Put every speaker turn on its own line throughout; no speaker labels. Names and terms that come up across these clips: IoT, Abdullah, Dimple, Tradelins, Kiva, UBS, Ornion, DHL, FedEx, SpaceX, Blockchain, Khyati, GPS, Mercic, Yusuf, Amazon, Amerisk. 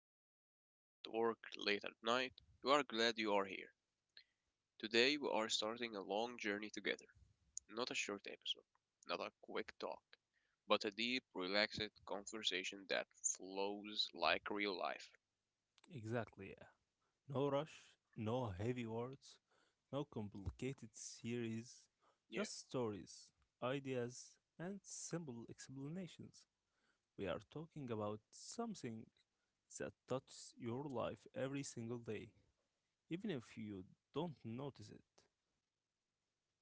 on the road, at work, late at night, you are glad you are here. Today, we are starting a long journey together. Not a short episode, not a quick talk, but a deep, relaxed conversation that flows like real life.
Exactly, yeah. No rush, no heavy words, no complicated series,
Yeah,
just stories, ideas, and simple explanations. We are talking about something that touches your life every single day, even if you don't notice it.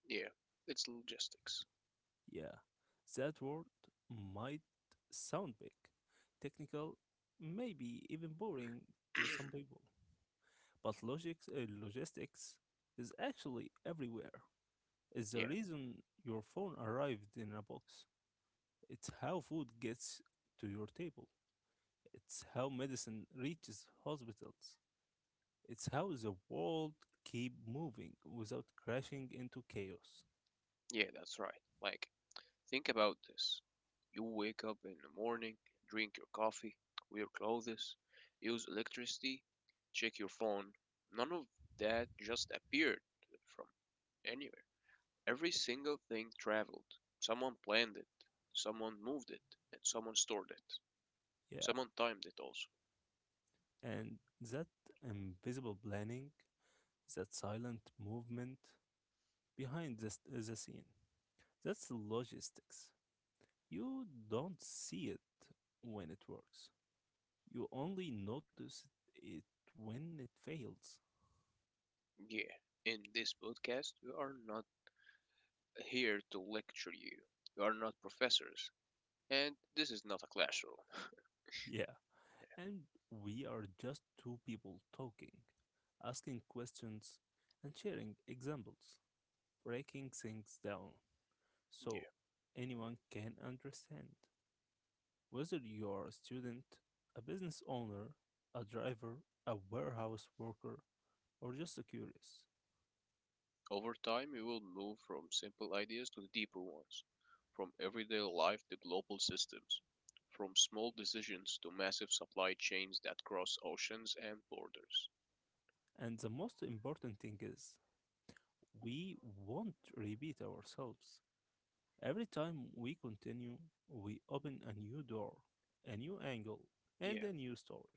yeah, it's logistics.
Yeah, that word might sound big, technical, maybe even boring to some people. But logistics is actually everywhere. It's the
yeah,
reason your phone arrived in a box. It's how food gets to your table. It's how medicine reaches hospitals. It's how the world keep moving without crashing into chaos.
yeah, that's right. Like Think about this. You wake up in the morning, drink your coffee, wear clothes, use electricity, check your phone. None of that just appeared from anywhere. Every single thing traveled. Someone planned it, someone moved it, and someone stored it.
Yeah,
Someone timed it also.
and that invisible planning, that silent movement behind the scene. That's logistics. You don't see it when it works. You only notice it when it fails.
Yeah, in this podcast, we are not here to lecture you. We are not professors, and this is not a classroom.
Yeah. And we are just two people talking, asking questions, and sharing examples, breaking things down
Yeah,
so anyone can understand. Whether you are a student, a business owner, a driver, a warehouse worker, or just a curious.
over time, we will move from simple ideas to the deeper ones, from everyday life to global systems, from small decisions to massive supply chains that cross oceans and borders.
And the most important thing is we won't repeat ourselves. Every time we continue, we open a new door, a new angle, and
Yeah,
a new story.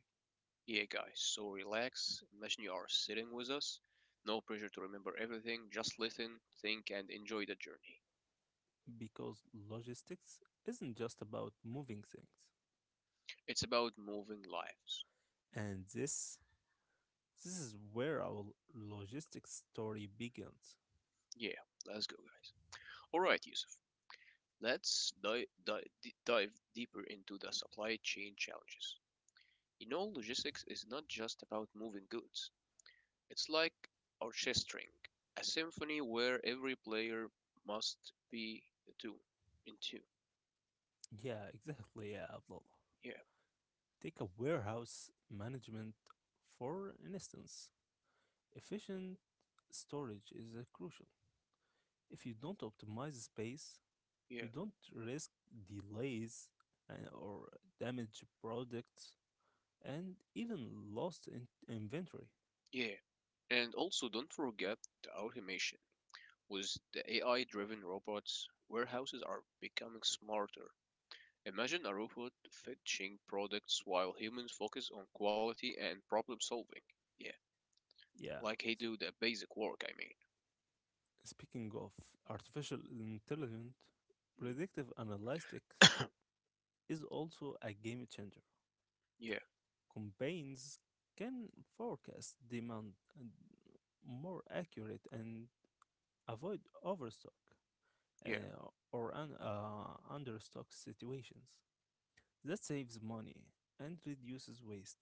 yeah, guys, so relax. Imagine you are sitting with us. No pressure to remember everything, just listen, think, and enjoy the journey.
Because logistics isn't just about moving things.
It's about moving lives.
And this is where our logistics story begins.
Yeah, let's go, guys. Alright, Yusuf, let's dive deeper into the supply chain challenges. You know logistics is not just about moving goods. It's like orchestrating a symphony where every player must be the tune in tune.
Yeah, exactly, yeah, Abdullah.
Yeah,
Take a warehouse management for instance. Efficient storage is crucial. If you don't optimize space,
yeah,
you don't risk delays or damaged products and even lost inventory.
yeah. And also don't forget the automation. With the AI driven robots, warehouses are becoming smarter. Imagine a robot fetching products while humans focus on quality and problem solving. Yeah,
Yeah.
like they
s-
do the basic work, I
Speaking of artificial intelligence,
mean.
predictive analytics
Mm.
is also a game changer.
yeah,
Campaigns can forecast demand and more accurate and avoid overstock
yeah,
or understock situations. That saves money and reduces waste.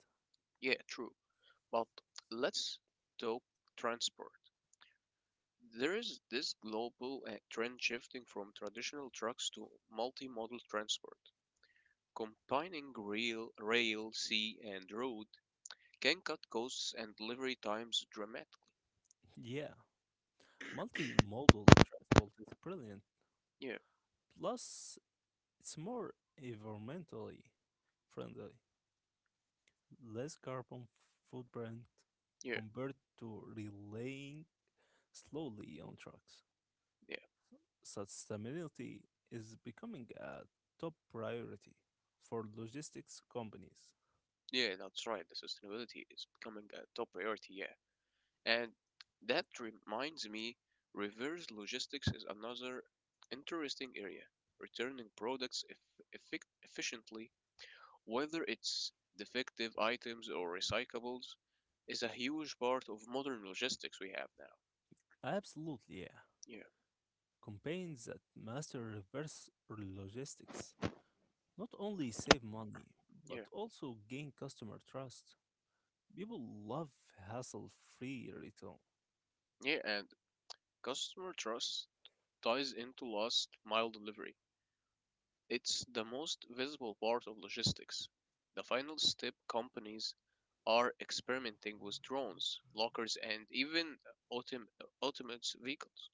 yeah, true. But let's talk transport. There is this global trend shifting from traditional trucks to multimodal transport. Combining rail, sea, and road can cut costs and delivery times dramatically.
Yeah, multimodal transport is brilliant.
Yeah,
Plus, it's more environmentally friendly, less carbon footprint
yeah,
compared to relying slowly on trucks.
yeah,
Sustainability is becoming a top priority for logistics companies.
yeah, that's right. The sustainability is becoming a top priority, yeah. And that reminds me, reverse logistics is another interesting area, returning products efficiently. Whether it's defective items or recyclables is a huge part of modern logistics we have now.
Absolutely, yeah.
Yeah,
Campaigns that master reverse logistics not only save money but
yeah,
also gain customer trust. People love hassle free return.
yeah. And customer trust ties into last mile delivery. It's the most visible part of logistics. The final step companies are experimenting with drones, lockers, and even autom- autonomous vehicles.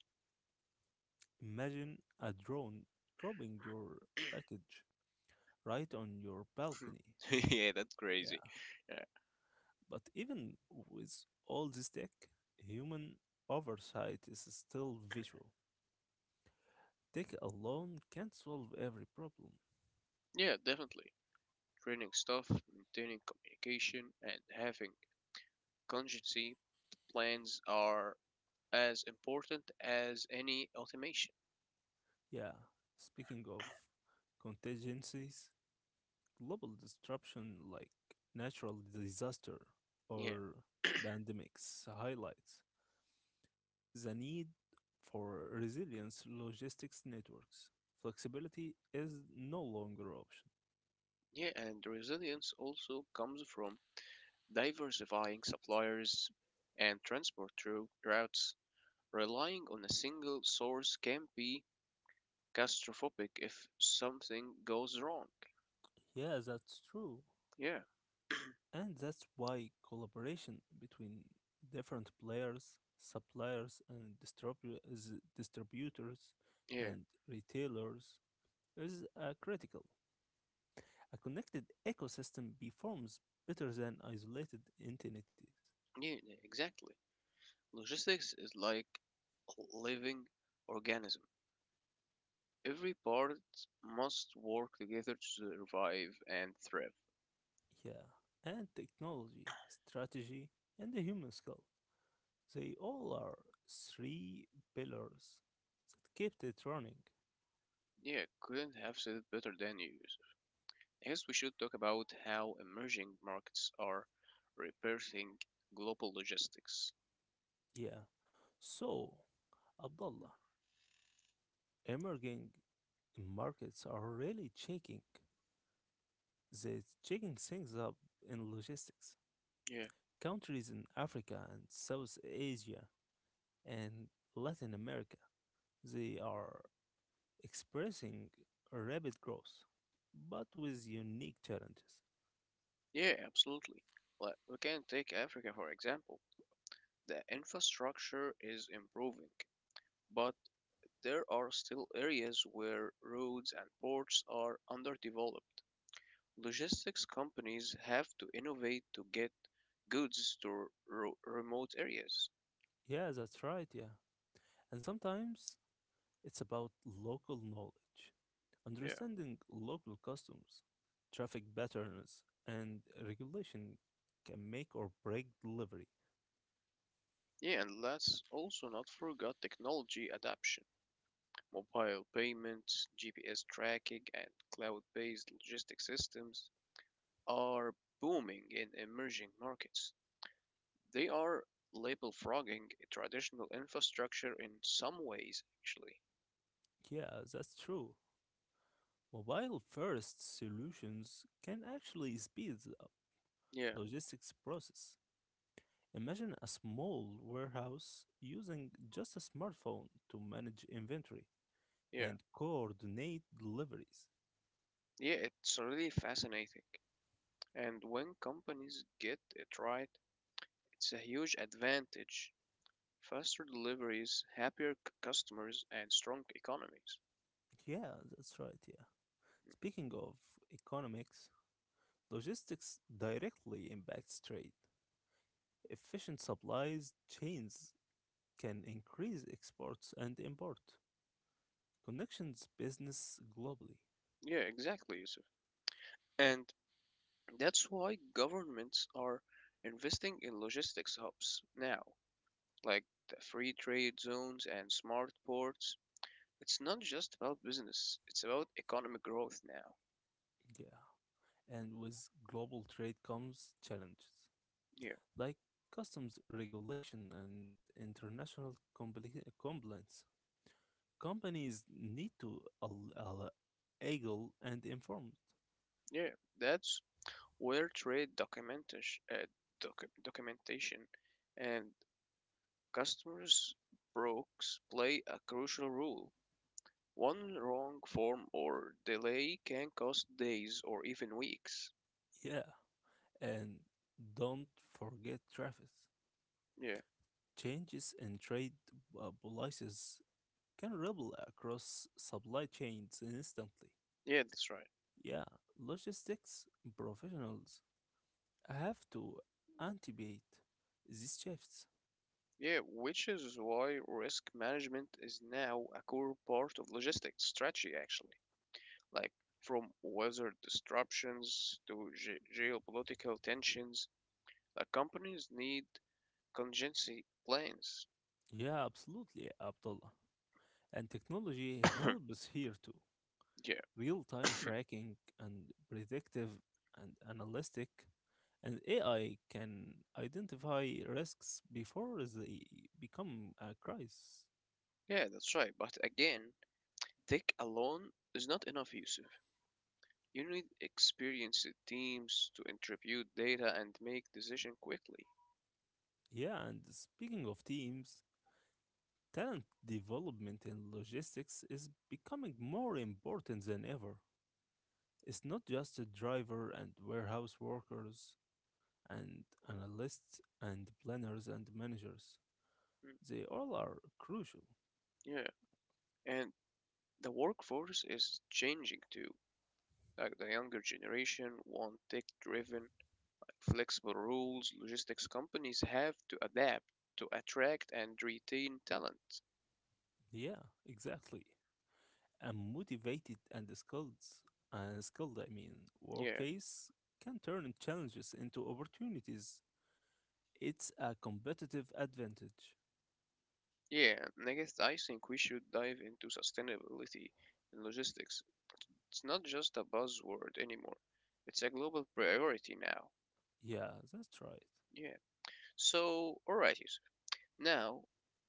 Imagine a drone dropping your package right on your balcony.
yeah, that's crazy.
Yeah,
Yeah.
but even with all this tech, human oversight is still visual. Tech alone can't solve every problem.
Yeah, definitely. Training staff, maintaining communication, and having contingency plans are as important as any automation.
Yeah, speaking of contingencies, global disruption like natural disaster
Yeah,
or pandemics highlights the need for resilience logistics networks. Flexibility is no longer option.
yeah, and resilience also comes from diversifying suppliers and transport through routes. Relying on a single source can be catastrophic if something goes wrong.
Yeah, that's true.
Yeah,
And that's why collaboration between different players, suppliers and distributors
yeah,
and retailers is critical. A connected ecosystem performs better than isolated entities.
yeah, exactly. Logistics is like a living organism. Every part must work together to survive and thrive.
Yeah, and technology, strategy, and the human skill, they all are three pillars that kept it running.
Yeah, couldn't have said it better than you, Yusuf. Yes, we should talk about how emerging markets are repairing global logistics.
Yeah. So, Abdullah, emerging markets are really shaking. They're shaking things up in logistics.
Yeah,
Countries in Africa and South Asia and Latin America, they are expressing rapid growth, but with unique challenges.
yeah, absolutely. Like, we can take Africa for example. The infrastructure is improving, but there are still areas where roads and ports are underdeveloped. Logistics companies have to innovate to get goods to remote areas.
Yeah, that's right, yeah. And sometimes it's about local knowledge,
Yeah.
understanding local customs, traffic patterns, and regulation can make or break delivery.
Yeah, and let's also not forget technology adoption. Mobile payments, GPS tracking, and cloud based logistic systems are booming in emerging markets. They are label frogging traditional infrastructure in some ways, actually.
Yeah, that's true. Mobile first solutions can actually speed up
Yeah,
logistics process. Imagine a small warehouse using just a smartphone to manage inventory
yeah,
and coordinate deliveries.
yeah, it's really fascinating. And when companies get it right, it's a huge advantage. Faster deliveries, happier customers, and strong economies.
Yeah, that's right, yeah. Speaking of economics, logistics directly impacts trade. Efficient supply chains can increase exports and import, connections business globally.
Yeah, exactly, Yusuf. And that's why governments are investing in logistics hubs now, like the free trade zones and smart ports. It's not just about business, it's about economic growth now.
Yeah. And with global trade comes challenges
Yeah,
like customs regulation and international compliance. Companies need to agile and informed.
yeah, that's where trade documentation, documentation and customers' brokes play a crucial role. One wrong form or delay can cost days or even weeks.
Yeah. And don't forget traffic.
Yeah.
Changes in trade policies can ripple across supply chains instantly.
Yeah, that's right.
Yeah, logistics professionals have to anticipate these shifts.
Yeah, which is why risk management is now a core part of logistics strategy, actually. Like from weather disruptions to geopolitical tensions, like companies need contingency plans.
Yeah, absolutely, Abdullah. And technology
yeah,
helps here too. Real time tracking and predictive and analytic and AI can identify risks before they become a crisis.
yeah, that's right. But again, tech alone is not enough, Yusuf. You need experienced teams to interpret data and make decision quickly.
Yeah, and speaking of teams, talent development in logistics is becoming more important than ever. It's not just the driver and warehouse workers and analysts and planners and managers. They all are crucial.
Yeah, and the workforce is changing too. Like the younger generation want tech-driven, flexible rules. Logistics companies have to adapt to attract and retain talent.
Yeah, exactly. A motivated and skilled I mean,
Yeah,
workplace can turn challenges into opportunities. It's a competitive advantage.
yeah. Next, I guess I think we should dive into sustainability in logistics. It's not just a buzzword anymore. It's a global priority now.
Yeah, that's right.
Yeah. So, alright, Yusuf. Now,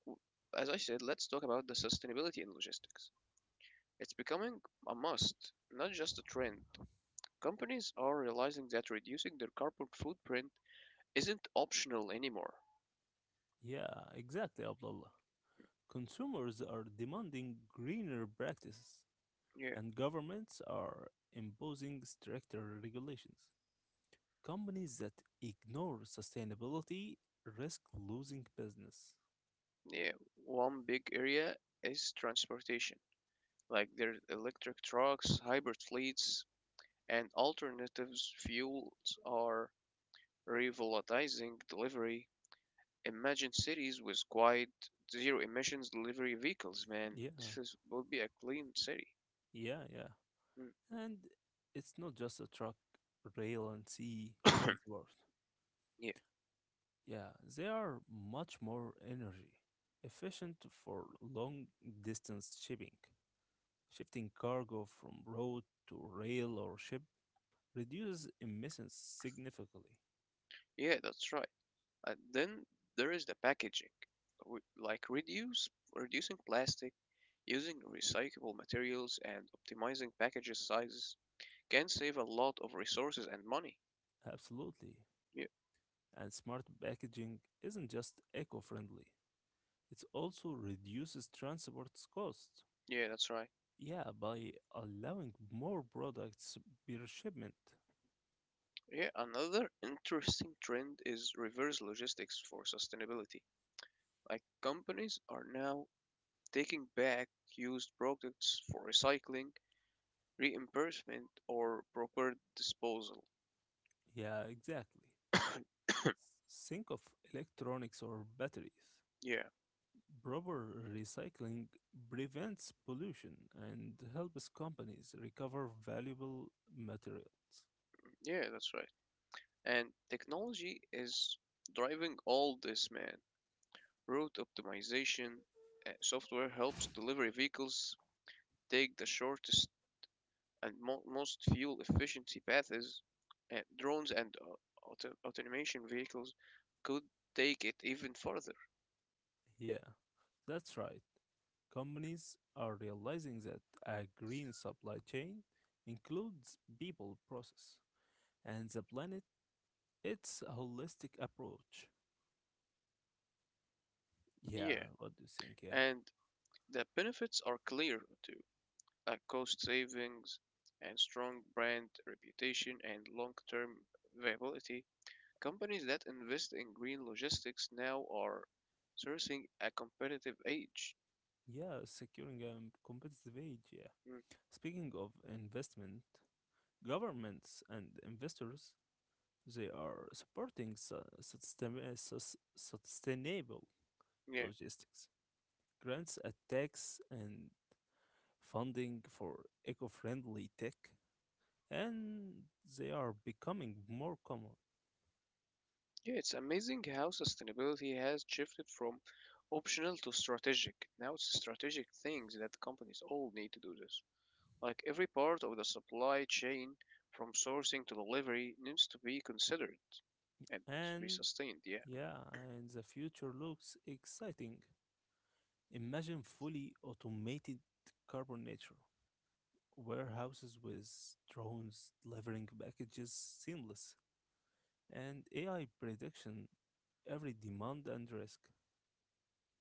w- as I said, let's talk about the sustainability in logistics. It's becoming a must, not just a trend. Companies are realizing that reducing their carbon footprint isn't optional anymore.
Yeah, exactly, Abdullah. Consumers are demanding greener practices,
Yeah,
and governments are imposing stricter regulations. Companies that ignore sustainability risk losing business.
yeah. One big area is transportation, like their electric trucks, hybrid fleets, and alternatives fuels are revolutionizing delivery. Imagine cities with quiet, zero emissions delivery vehicles, man.
Yeah,
This is, will be a clean city.
yeah, yeah. And it's not just a truck, rail, and sea
Mm.
transport.
yeah,
Yeah, they are much more energy efficient for long distance shipping. Shifting cargo from road to rail or ship reduces emissions significantly.
yeah, that's right. And then there is the packaging, like reducing plastic, using recyclable materials, and optimizing packages sizes can save a lot of resources and money.
Absolutely.
Yeah,
And smart packaging isn't just eco friendly, it also reduces transport costs.
yeah, that's right.
Yeah, by allowing more products per shipment.
Yeah, another interesting trend is reverse logistics for sustainability. Like companies are now taking back used products for recycling, reimbursement, or proper disposal.
Yeah, exactly. Think of electronics or batteries.
yeah,
Proper recycling prevents pollution and helps companies recover valuable materials.
yeah, that's right. And technology is driving all this, man. Route optimization software helps delivery vehicles take the shortest and most fuel efficiency paths. Drones and automation vehicles could take it even further.
Yeah, that's right. Companies are realizing that a green supply chain includes people, process, and the planet. It's a holistic approach. Yeah,
Yeah,
what do you think? Yeah.
and the benefits are clear too, like cost savings and strong brand reputation and long term viability. Companies that invest in green logistics now are sourcing a competitive edge.
Yeah, securing a competitive edge. Yeah.
Mm,
Speaking of investment, governments and investors, they are supporting sustainable
yeah.
logistics, grants at tax and funding for eco-friendly tech and they are becoming more common.
Yeah, it's amazing how sustainability has shifted from optional to strategic. Now it's strategic things that companies all need to do this. Like every part of the supply chain, from sourcing to delivery, needs to be considered and to be
And
sustained. Yeah,
yeah, and the future looks exciting. Imagine fully automated carbon nature, warehouses with drones delivering packages seamless, and AI prediction every demand and risk.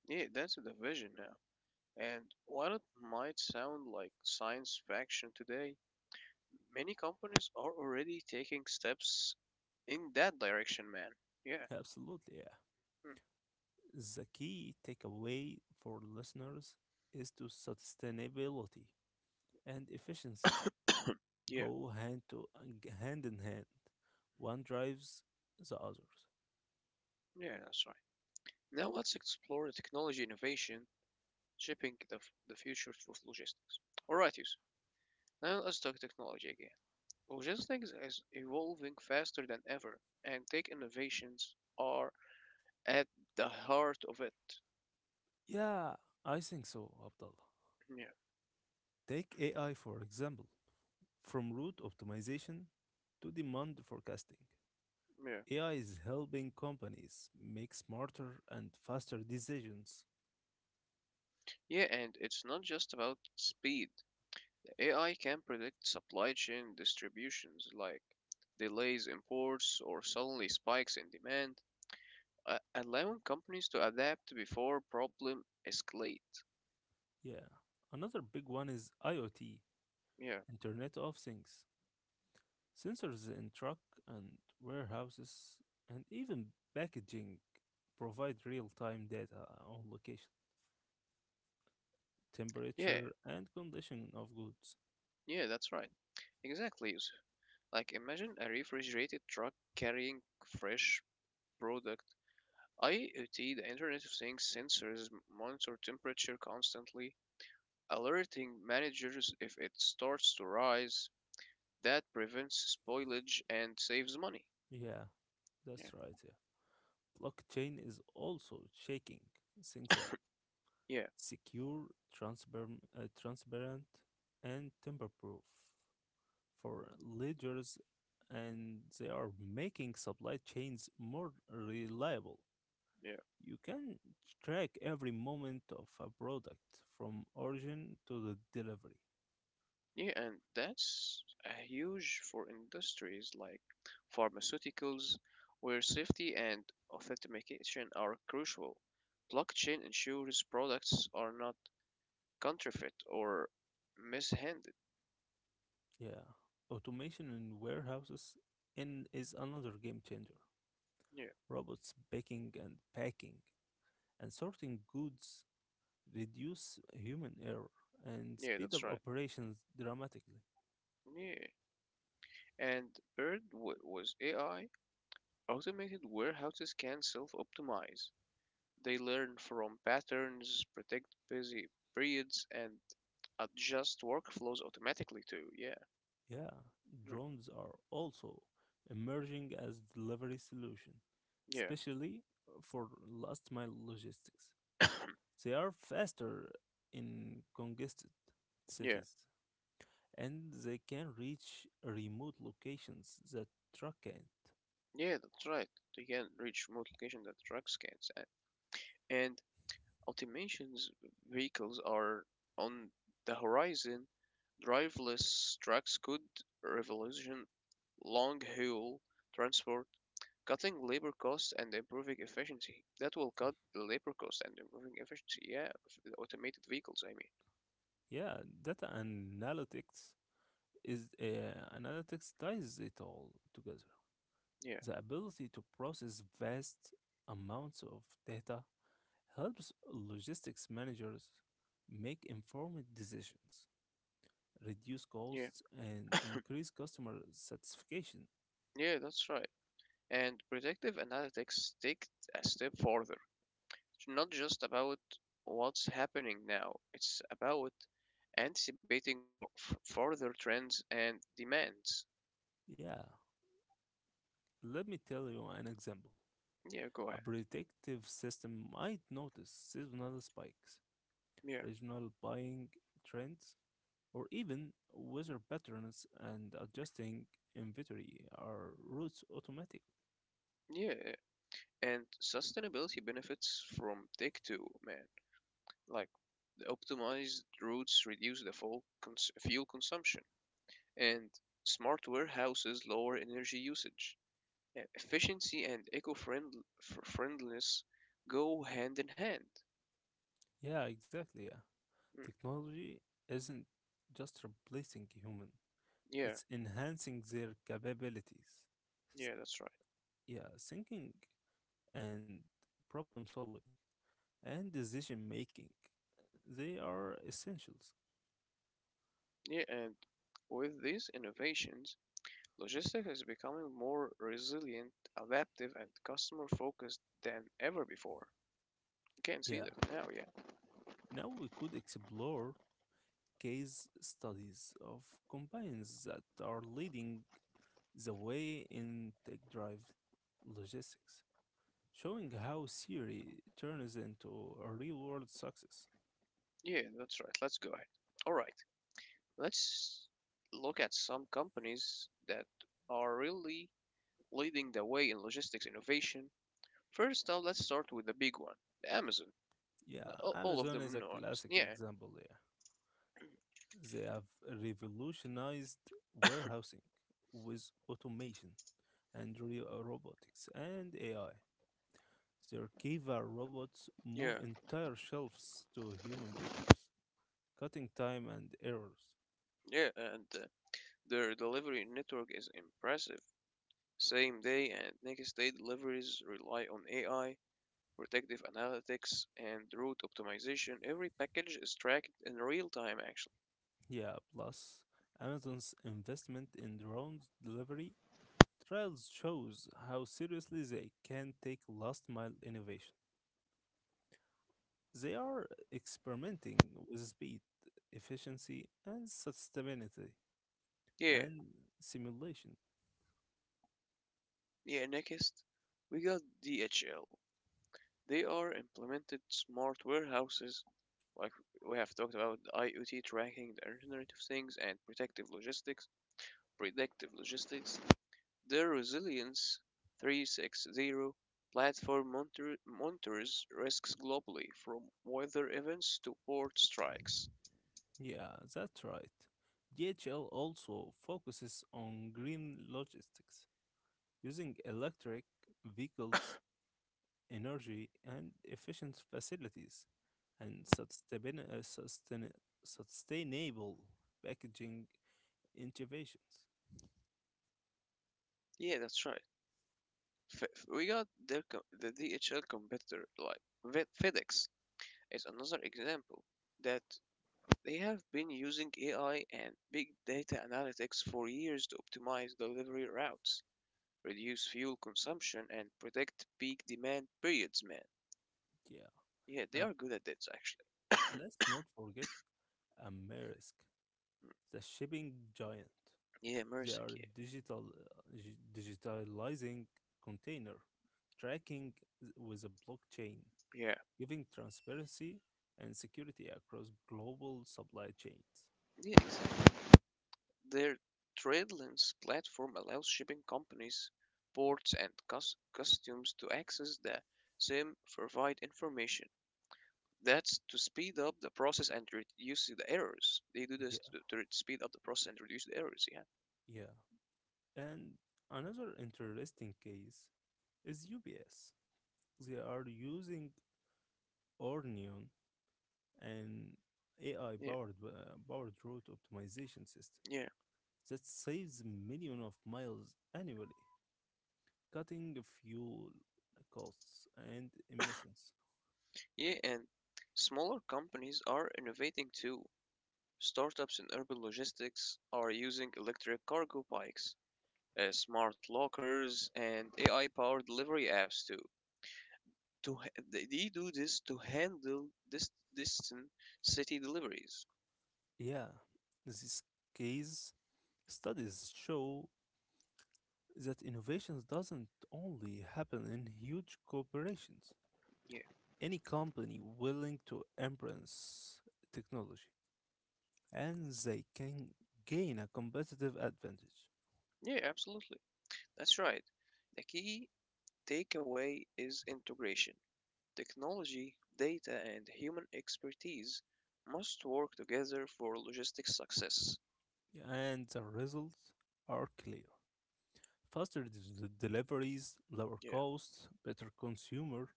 yeah, that's the vision now. And while it might sound like science fiction today, many companies are already taking steps in that direction, man. Yeah,
Absolutely, yeah.
mm,
The key takeaway for listeners is to sustainability and efficiency
yeah,
go hand in hand. One drives the others.
yeah, that's right. Now let's explore the technology innovation shaping the, the future of logistics. All right, Yusuf. Now let's talk technology again. Logistics is evolving faster than ever, and tech innovations are at the heart of it.
Yeah, I think so, Abdullah.
Yeah,
Take AI for example. From route optimization to demand forecasting.
yeah.
AI is helping companies make smarter and faster decisions.
Yeah, and it's not just about speed. AI can predict supply chain distributions like delays in ports or suddenly spikes in demand, allowing companies to adapt before problem escalate.
Yeah. Another big one is IoT,
Yeah,
Internet of Things. Sensors in truck and warehouses and even packaging provide real-time data on location,
yeah,
temperature, and condition of goods.
yeah, that's right. Exactly, Yusuf. Like imagine a refrigerated truck carrying fresh product. IoT, the Internet of Things sensors monitor temperature constantly, alerting managers if it starts to rise. That prevents spoilage and saves money.
Yeah,
Yeah.
that's right. Yeah. Blockchain is also shaking things up.
Yeah,
Secure, transparent and tamper-proof for ledgers, and they are making supply chains more reliable.
yeah,
You can track every moment of a product from origin to the delivery.
yeah, and that's huge for industries like pharmaceuticals, where safety and authentication are crucial. Blockchain ensures products are not counterfeit or mishandled.
Yeah. Automation in warehouses in is another game changer.
Yeah,
Robots picking and packing and sorting goods reduce human error and
yeah,
speed
that's
up
right.
operations dramatically.
Yeah, and Bird was AI. Automated warehouses can self-optimize. They learn from patterns, predict busy periods, and adjust workflows automatically too. Yeah.
Yeah,
Mm,
drones are also emerging as delivery solution,
Yeah,
especially for last mile logistics. They are faster in congested
yeah,
cities and they can reach remote locations that truck can.
yeah, that's right. They can reach remote location that trucks can't. And automations vehicles are on the horizon. Driverless trucks could revolution long haul transport, cutting labor costs and improving efficiency. That will cut the labor cost and improving efficiency. Yeah, of the automated vehicles, I mean.
Yeah, data analytics ties it all together.
Yeah,
The ability to process vast amounts of data helps logistics managers make informed decisions, reduce
yeah,
costs, and increase customer satisfaction.
yeah, that's right. And predictive analytics take a step further. It's not just about what's happening now, it's about anticipating for further trends and demands.
Yeah, let me tell you an example.
Yeah, go ahead.
A predictive system might notice seasonal spikes,
Yeah.
regional buying trends, or even weather patterns and adjusting inventory are routes automatically.
Yeah, and sustainability benefits from tech too, man. Like the optimized routes reduce the fuel consumption, and smart warehouses lower energy usage. And efficiency and eco-friendliness go hand in hand.
Yeah, exactly. Yeah.
Mm,
Technology isn't just replacing human,
yeah,
it's enhancing their capabilities.
yeah,
S-
that's right.
Yeah, thinking and problem solving and decision making, they are essentials.
Yeah, and with these innovations, logistics is becoming more resilient, adaptive, and customer focused than ever before. You can see
Yeah.
that now, yeah.
Now we could explore case studies of companies that are leading the way in tech drive logistics, showing how theory turns into a real world success.
Yeah, that's right. Let's go ahead. All right, let's look at some companies that are really leading the way in logistics innovation. First up, let's start with the big one, the Amazon.
Yeah,
All of
Amazon is
them
a
know Amazon.
classic
Yeah,
example there. They have revolutionized warehousing with automation and real robotics and AI. Their Kiva robots move
yeah,
entire shelves to human pickers, cutting time and errors.
yeah, and their delivery network is impressive. Same day and next day deliveries rely on AI, predictive analytics, and route optimization. Every package is tracked in real time, actually.
Yeah, plus Amazon's investment in drones delivery trials shows how seriously they can take last mile innovation. They are experimenting with speed, efficiency, and sustainability
Yeah,
and simulation.
yeah, next, we got DHL. They are implemented smart warehouses, like we have talked about IoT tracking, the Internet of Things, and predictive logistics. Predictive logistics. The Resilience 360 platform monitors risks globally, from weather events to port strikes.
Yeah, that's right. DHL also focuses on green logistics, using electric vehicles, energy, and efficient facilities, and sustainable packaging innovations.
Yeah, that's right. Fe- we got their the DHL competitor like FedEx is another example that they have been using AI and big data analytics for years to optimize delivery routes, reduce fuel consumption, and protect peak demand periods. Man,
Yeah,
yeah, they
and
are good at this actually.
let's not forget Amerisk, the shipping giant.
Yeah,
They
Mercic,
are digitalizing container tracking with a blockchain,
yeah,
giving transparency and security across global supply chains.
yeah, exactly. Their Tradelins platform allows shipping companies, ports, and customs to access the same provide information. That's to speed up the process and reduce the errors. They do
Yeah,
this to re- Speed up the process and reduce the errors. Yeah.
yeah. And another interesting case is UBS. They are using Ornion and AI
Yeah,
powered route optimization system
yeah,
that saves millions of miles annually, cutting fuel costs and emissions.
yeah, and smaller companies are innovating too. Startups in urban logistics are using electric cargo bikes, smart lockers, and AI-powered delivery apps to ha- they do this to handle this distant city deliveries.
Yeah, these case studies show that innovations doesn't only happen in huge corporations.
Yeah,
Any company willing to embrace technology and they can gain a competitive advantage.
yeah, absolutely. That's right. The key takeaway is integration. Technology, data, and human expertise must work together for logistics success.
And the results are clear. Faster deliveries, lower
Yeah,
costs, better consumer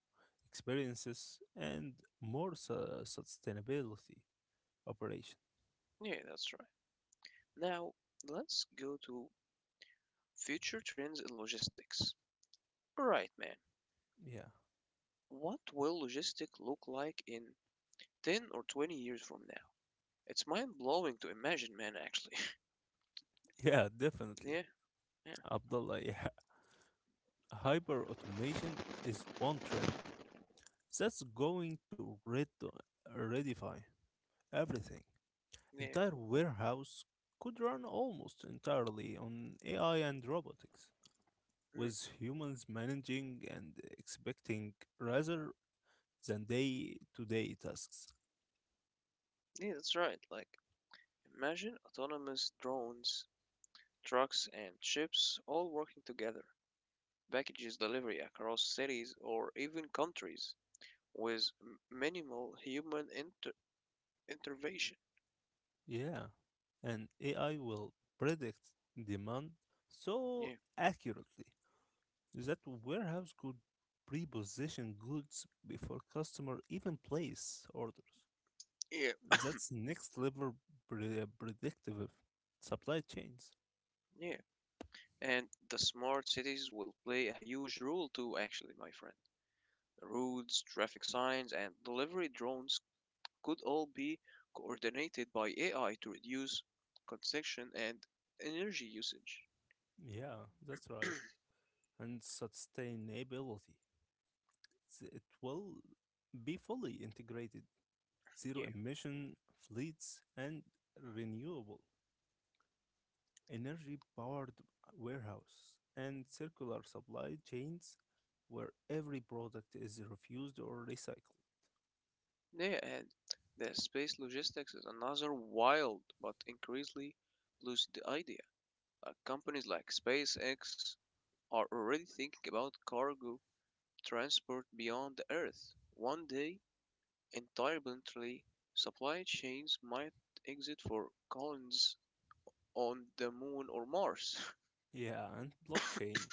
experiences, and more sustainability operation.
yeah, that's right. Now, let's go to future trends in logistics. Alright, man.
Yeah,
What will logistics look like in 10 or 20 years from now? It's mind blowing to imagine, man, actually.
yeah, definitely.
yeah, yeah,
Abdullah, yeah. Hyper automation is one trend that's going to redefine everything.
yeah.
Entire warehouse could run almost entirely on AI and robotics,
mm,
with humans managing and expecting rather than day-to-day tasks.
Yeah, that's right. Like, imagine autonomous drones, trucks, and ships all working together. Packages delivery across cities or even countries with minimal human intervention.
Yeah, and AI will predict demand so
Yeah.
accurately that warehouse could pre-position goods before customer even place orders.
Yeah.
That's next level predictive supply chains.
Yeah. And the smart cities will play a huge role too, actually, my friend. Roads, traffic signs, and delivery drones could all be coordinated by AI to reduce congestion and energy usage.
Yeah, that's right. And sustainability. It will be fully integrated, zero
Yeah,
emission fleets and renewable energy-powered warehouse, and circular supply chains where every product is refused or recycled.
yeah, and the space logistics is another wild but increasingly lucid idea. Companies like SpaceX are already thinking about cargo transport beyond the Earth. One day, entirely, supply chains might exit for colonies on the Moon or Mars.
Yeah, and blockchain.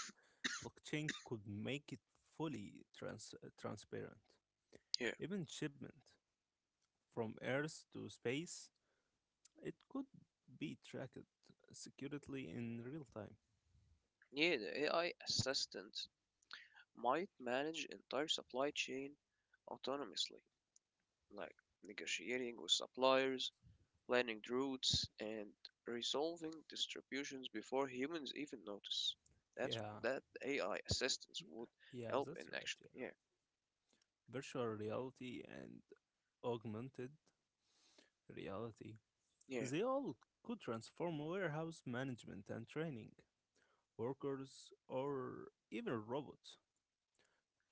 Blockchain could make it fully transparent.
Yeah.
Even shipment from Earth to space, it could be tracked securely in real time.
Yeah, the AI assistant might manage entire supply chain autonomously, like negotiating with suppliers, planning routes, and resolving distributions before humans even notice. That's
Yeah,
that AI assistance
y-
would
yeah,
help in
that's right.
actually.
Yeah,
Yeah.
virtual reality and augmented reality,
Yeah.
they all could transform warehouse management and training. Workers or even robots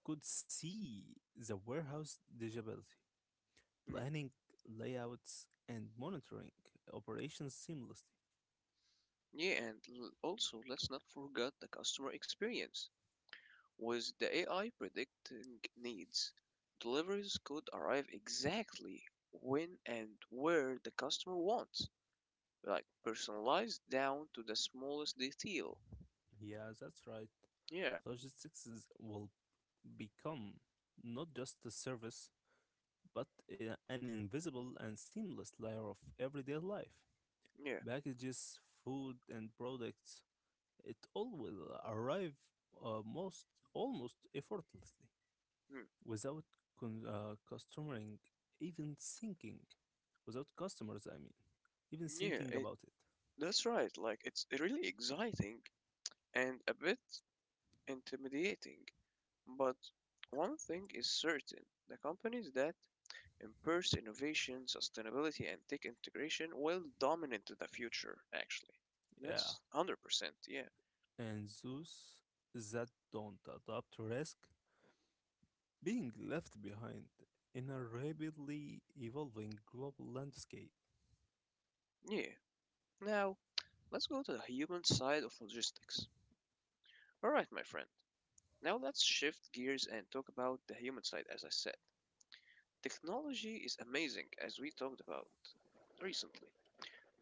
could see the warehouse digitally,
Hmm.
planning layouts and monitoring operations seamlessly.
Yeah, and also let's not forget the customer experience. With the AI predicting needs, deliveries could arrive exactly when and where the customer wants, like personalized down to the smallest detail.
Yeah, that's right.
Yeah,
Logistics will become not just a service, but an invisible and seamless layer of everyday life.
yeah,
Packages, food, and products. It all will arrive most almost effortlessly
mm,
without customering even thinking, without customers, I mean, even
yeah.
thinking
It
about it.
that's right. Like it's really exciting and a bit intimidating. But one thing is certain: the companies that embrace innovation, sustainability, and tech integration will dominate the future, actually.
Yeah,
That's 100%, yeah.
and those that don't adopt risk being left behind in a rapidly evolving global landscape.
Yeah. Now, let's go to the human side of logistics. Alright, my friend. Now let's shift gears and talk about the human side, as I said. Technology is amazing, as we talked about recently,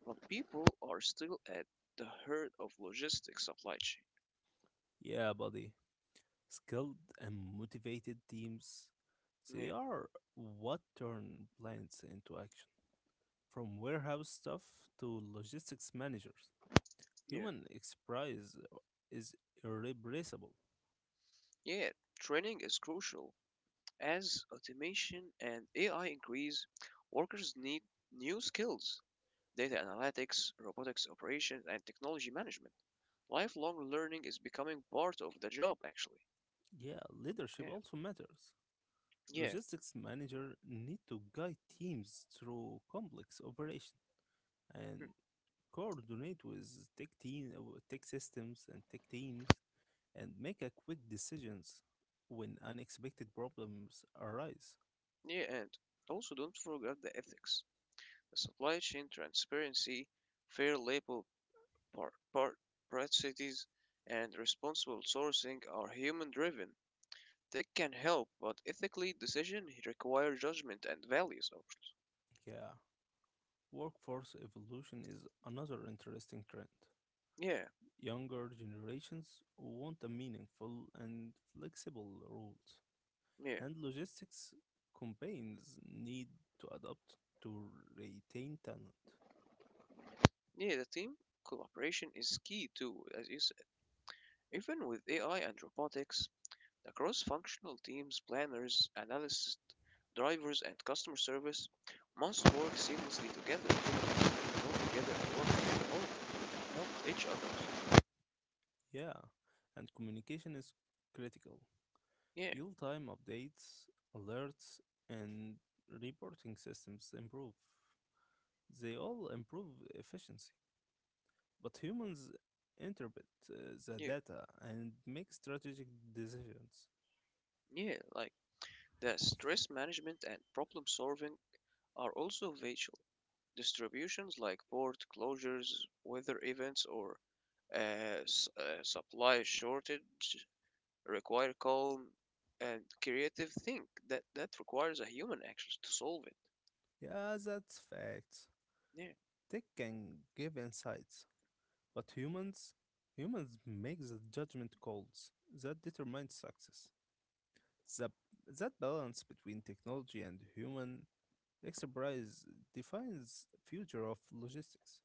but people are still at the heart of logistics supply chain.
Yeah, buddy, skilled and motivated teams, they
Yeah,
are what turn plans into action. From warehouse staff to logistics managers,
yeah.
human expertise is irreplaceable.
Yeah, training is crucial. As automation and AI increase, workers need new skills, data analytics, robotics operations, and technology management. Lifelong learning is becoming part of the job, actually.
Yeah, leadership
Yeah,
also matters.
yeah,
Logistics manager need to guide teams through complex operation and
hmm,
coordinate with tech systems and tech teams, and make a quick decisions when unexpected problems arise.
yeah, and also don't forget the ethics, the supply chain transparency, fair labor par- par- practices, and responsible sourcing are human driven. Tech can help, but ethically, decision require judgment and values. Of course.
Yeah, workforce evolution is another interesting trend.
Yeah.
Younger generations want a meaningful and flexible roles,
Yeah,
and logistics campaigns need to adapt to retain talent.
yeah, the team cooperation is key too, as you said. Even with AI and robotics, the cross functional teams, planners, analysts, drivers, and customer service must work seamlessly together to grow
Y-
together and work together or help each other.
Yeah, and communication is critical.
Yeah,
Real time updates, alerts, and reporting systems improve. They all improve efficiency, but humans interpret the
yeah,
data and make strategic decisions.
yeah, like the stress management and problem solving are also vital. Distributions like port closures, weather events, or supply shortage require calm and creative think that that requires a human actually to solve it.
Yeah, that's facts.
Yeah,
Tech can give insights, but humans make the judgment calls that determine success. The, that balance between technology and human expertise defines future of logistics.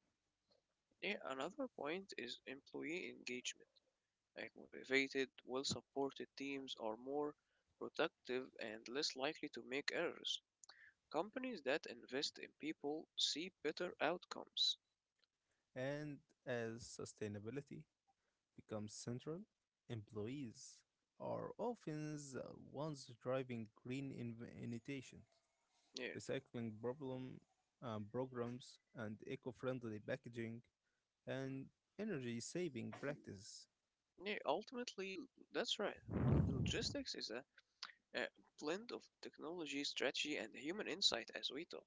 yeah, another point is employee engagement, like motivated well supported teams are more productive and less likely to make errors. Companies that invest in people see better outcomes.
And as sustainability becomes central, employees are often the ones driving green innovations,
Yeah,
recycling problem programs, and eco-friendly packaging and energy-saving practices.
yeah, ultimately that's right. Logistics is a blend of technology strategy and human insight as we talk.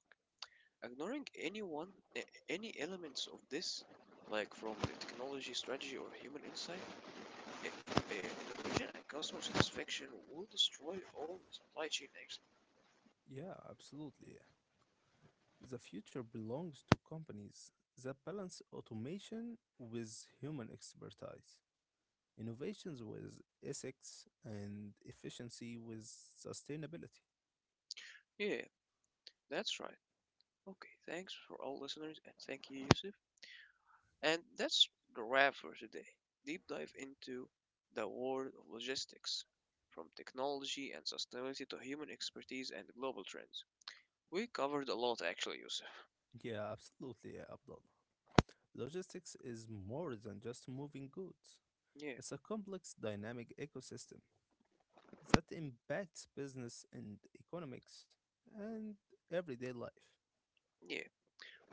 Ignoring any any elements of this, like from the technology strategy or human insight, innovation and customer satisfaction will destroy all the supply chain excellence.
Yeah, absolutely. The future belongs to companies that balance automation with human expertise, innovations with ethics, and efficiency with sustainability.
Yeah, that's right. Okay, thanks for all listeners and thank you, Yusuf. And that's the wrap for today. Deep dive into the world of logistics, from technology and sustainability to human expertise and global trends. We covered a lot actually, Yusuf.
Yeah, absolutely, yeah, Abdul. Logistics is more than just moving goods.
Yeah,
It's a complex dynamic ecosystem that impacts business and economics and everyday life.
yeah.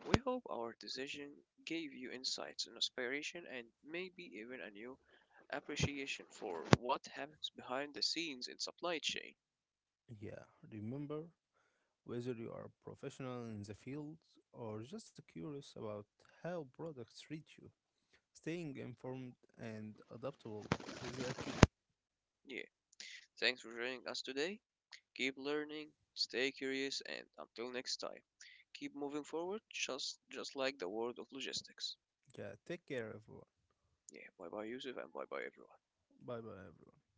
We hope our decision gave you insights and inspiration and maybe even a new appreciation for what happens behind the scenes in supply chain.
Yeah, remember, whether you are a professional in the field or just curious about how products reach you, staying informed and adaptable is a key.
Yeah, thanks for joining us today. Keep learning, stay curious, and until next time, keep moving forward just like the world of logistics.
Yeah, take care, everyone.
Yeah, bye bye Yusuf and bye bye everyone.
Bye bye, everyone.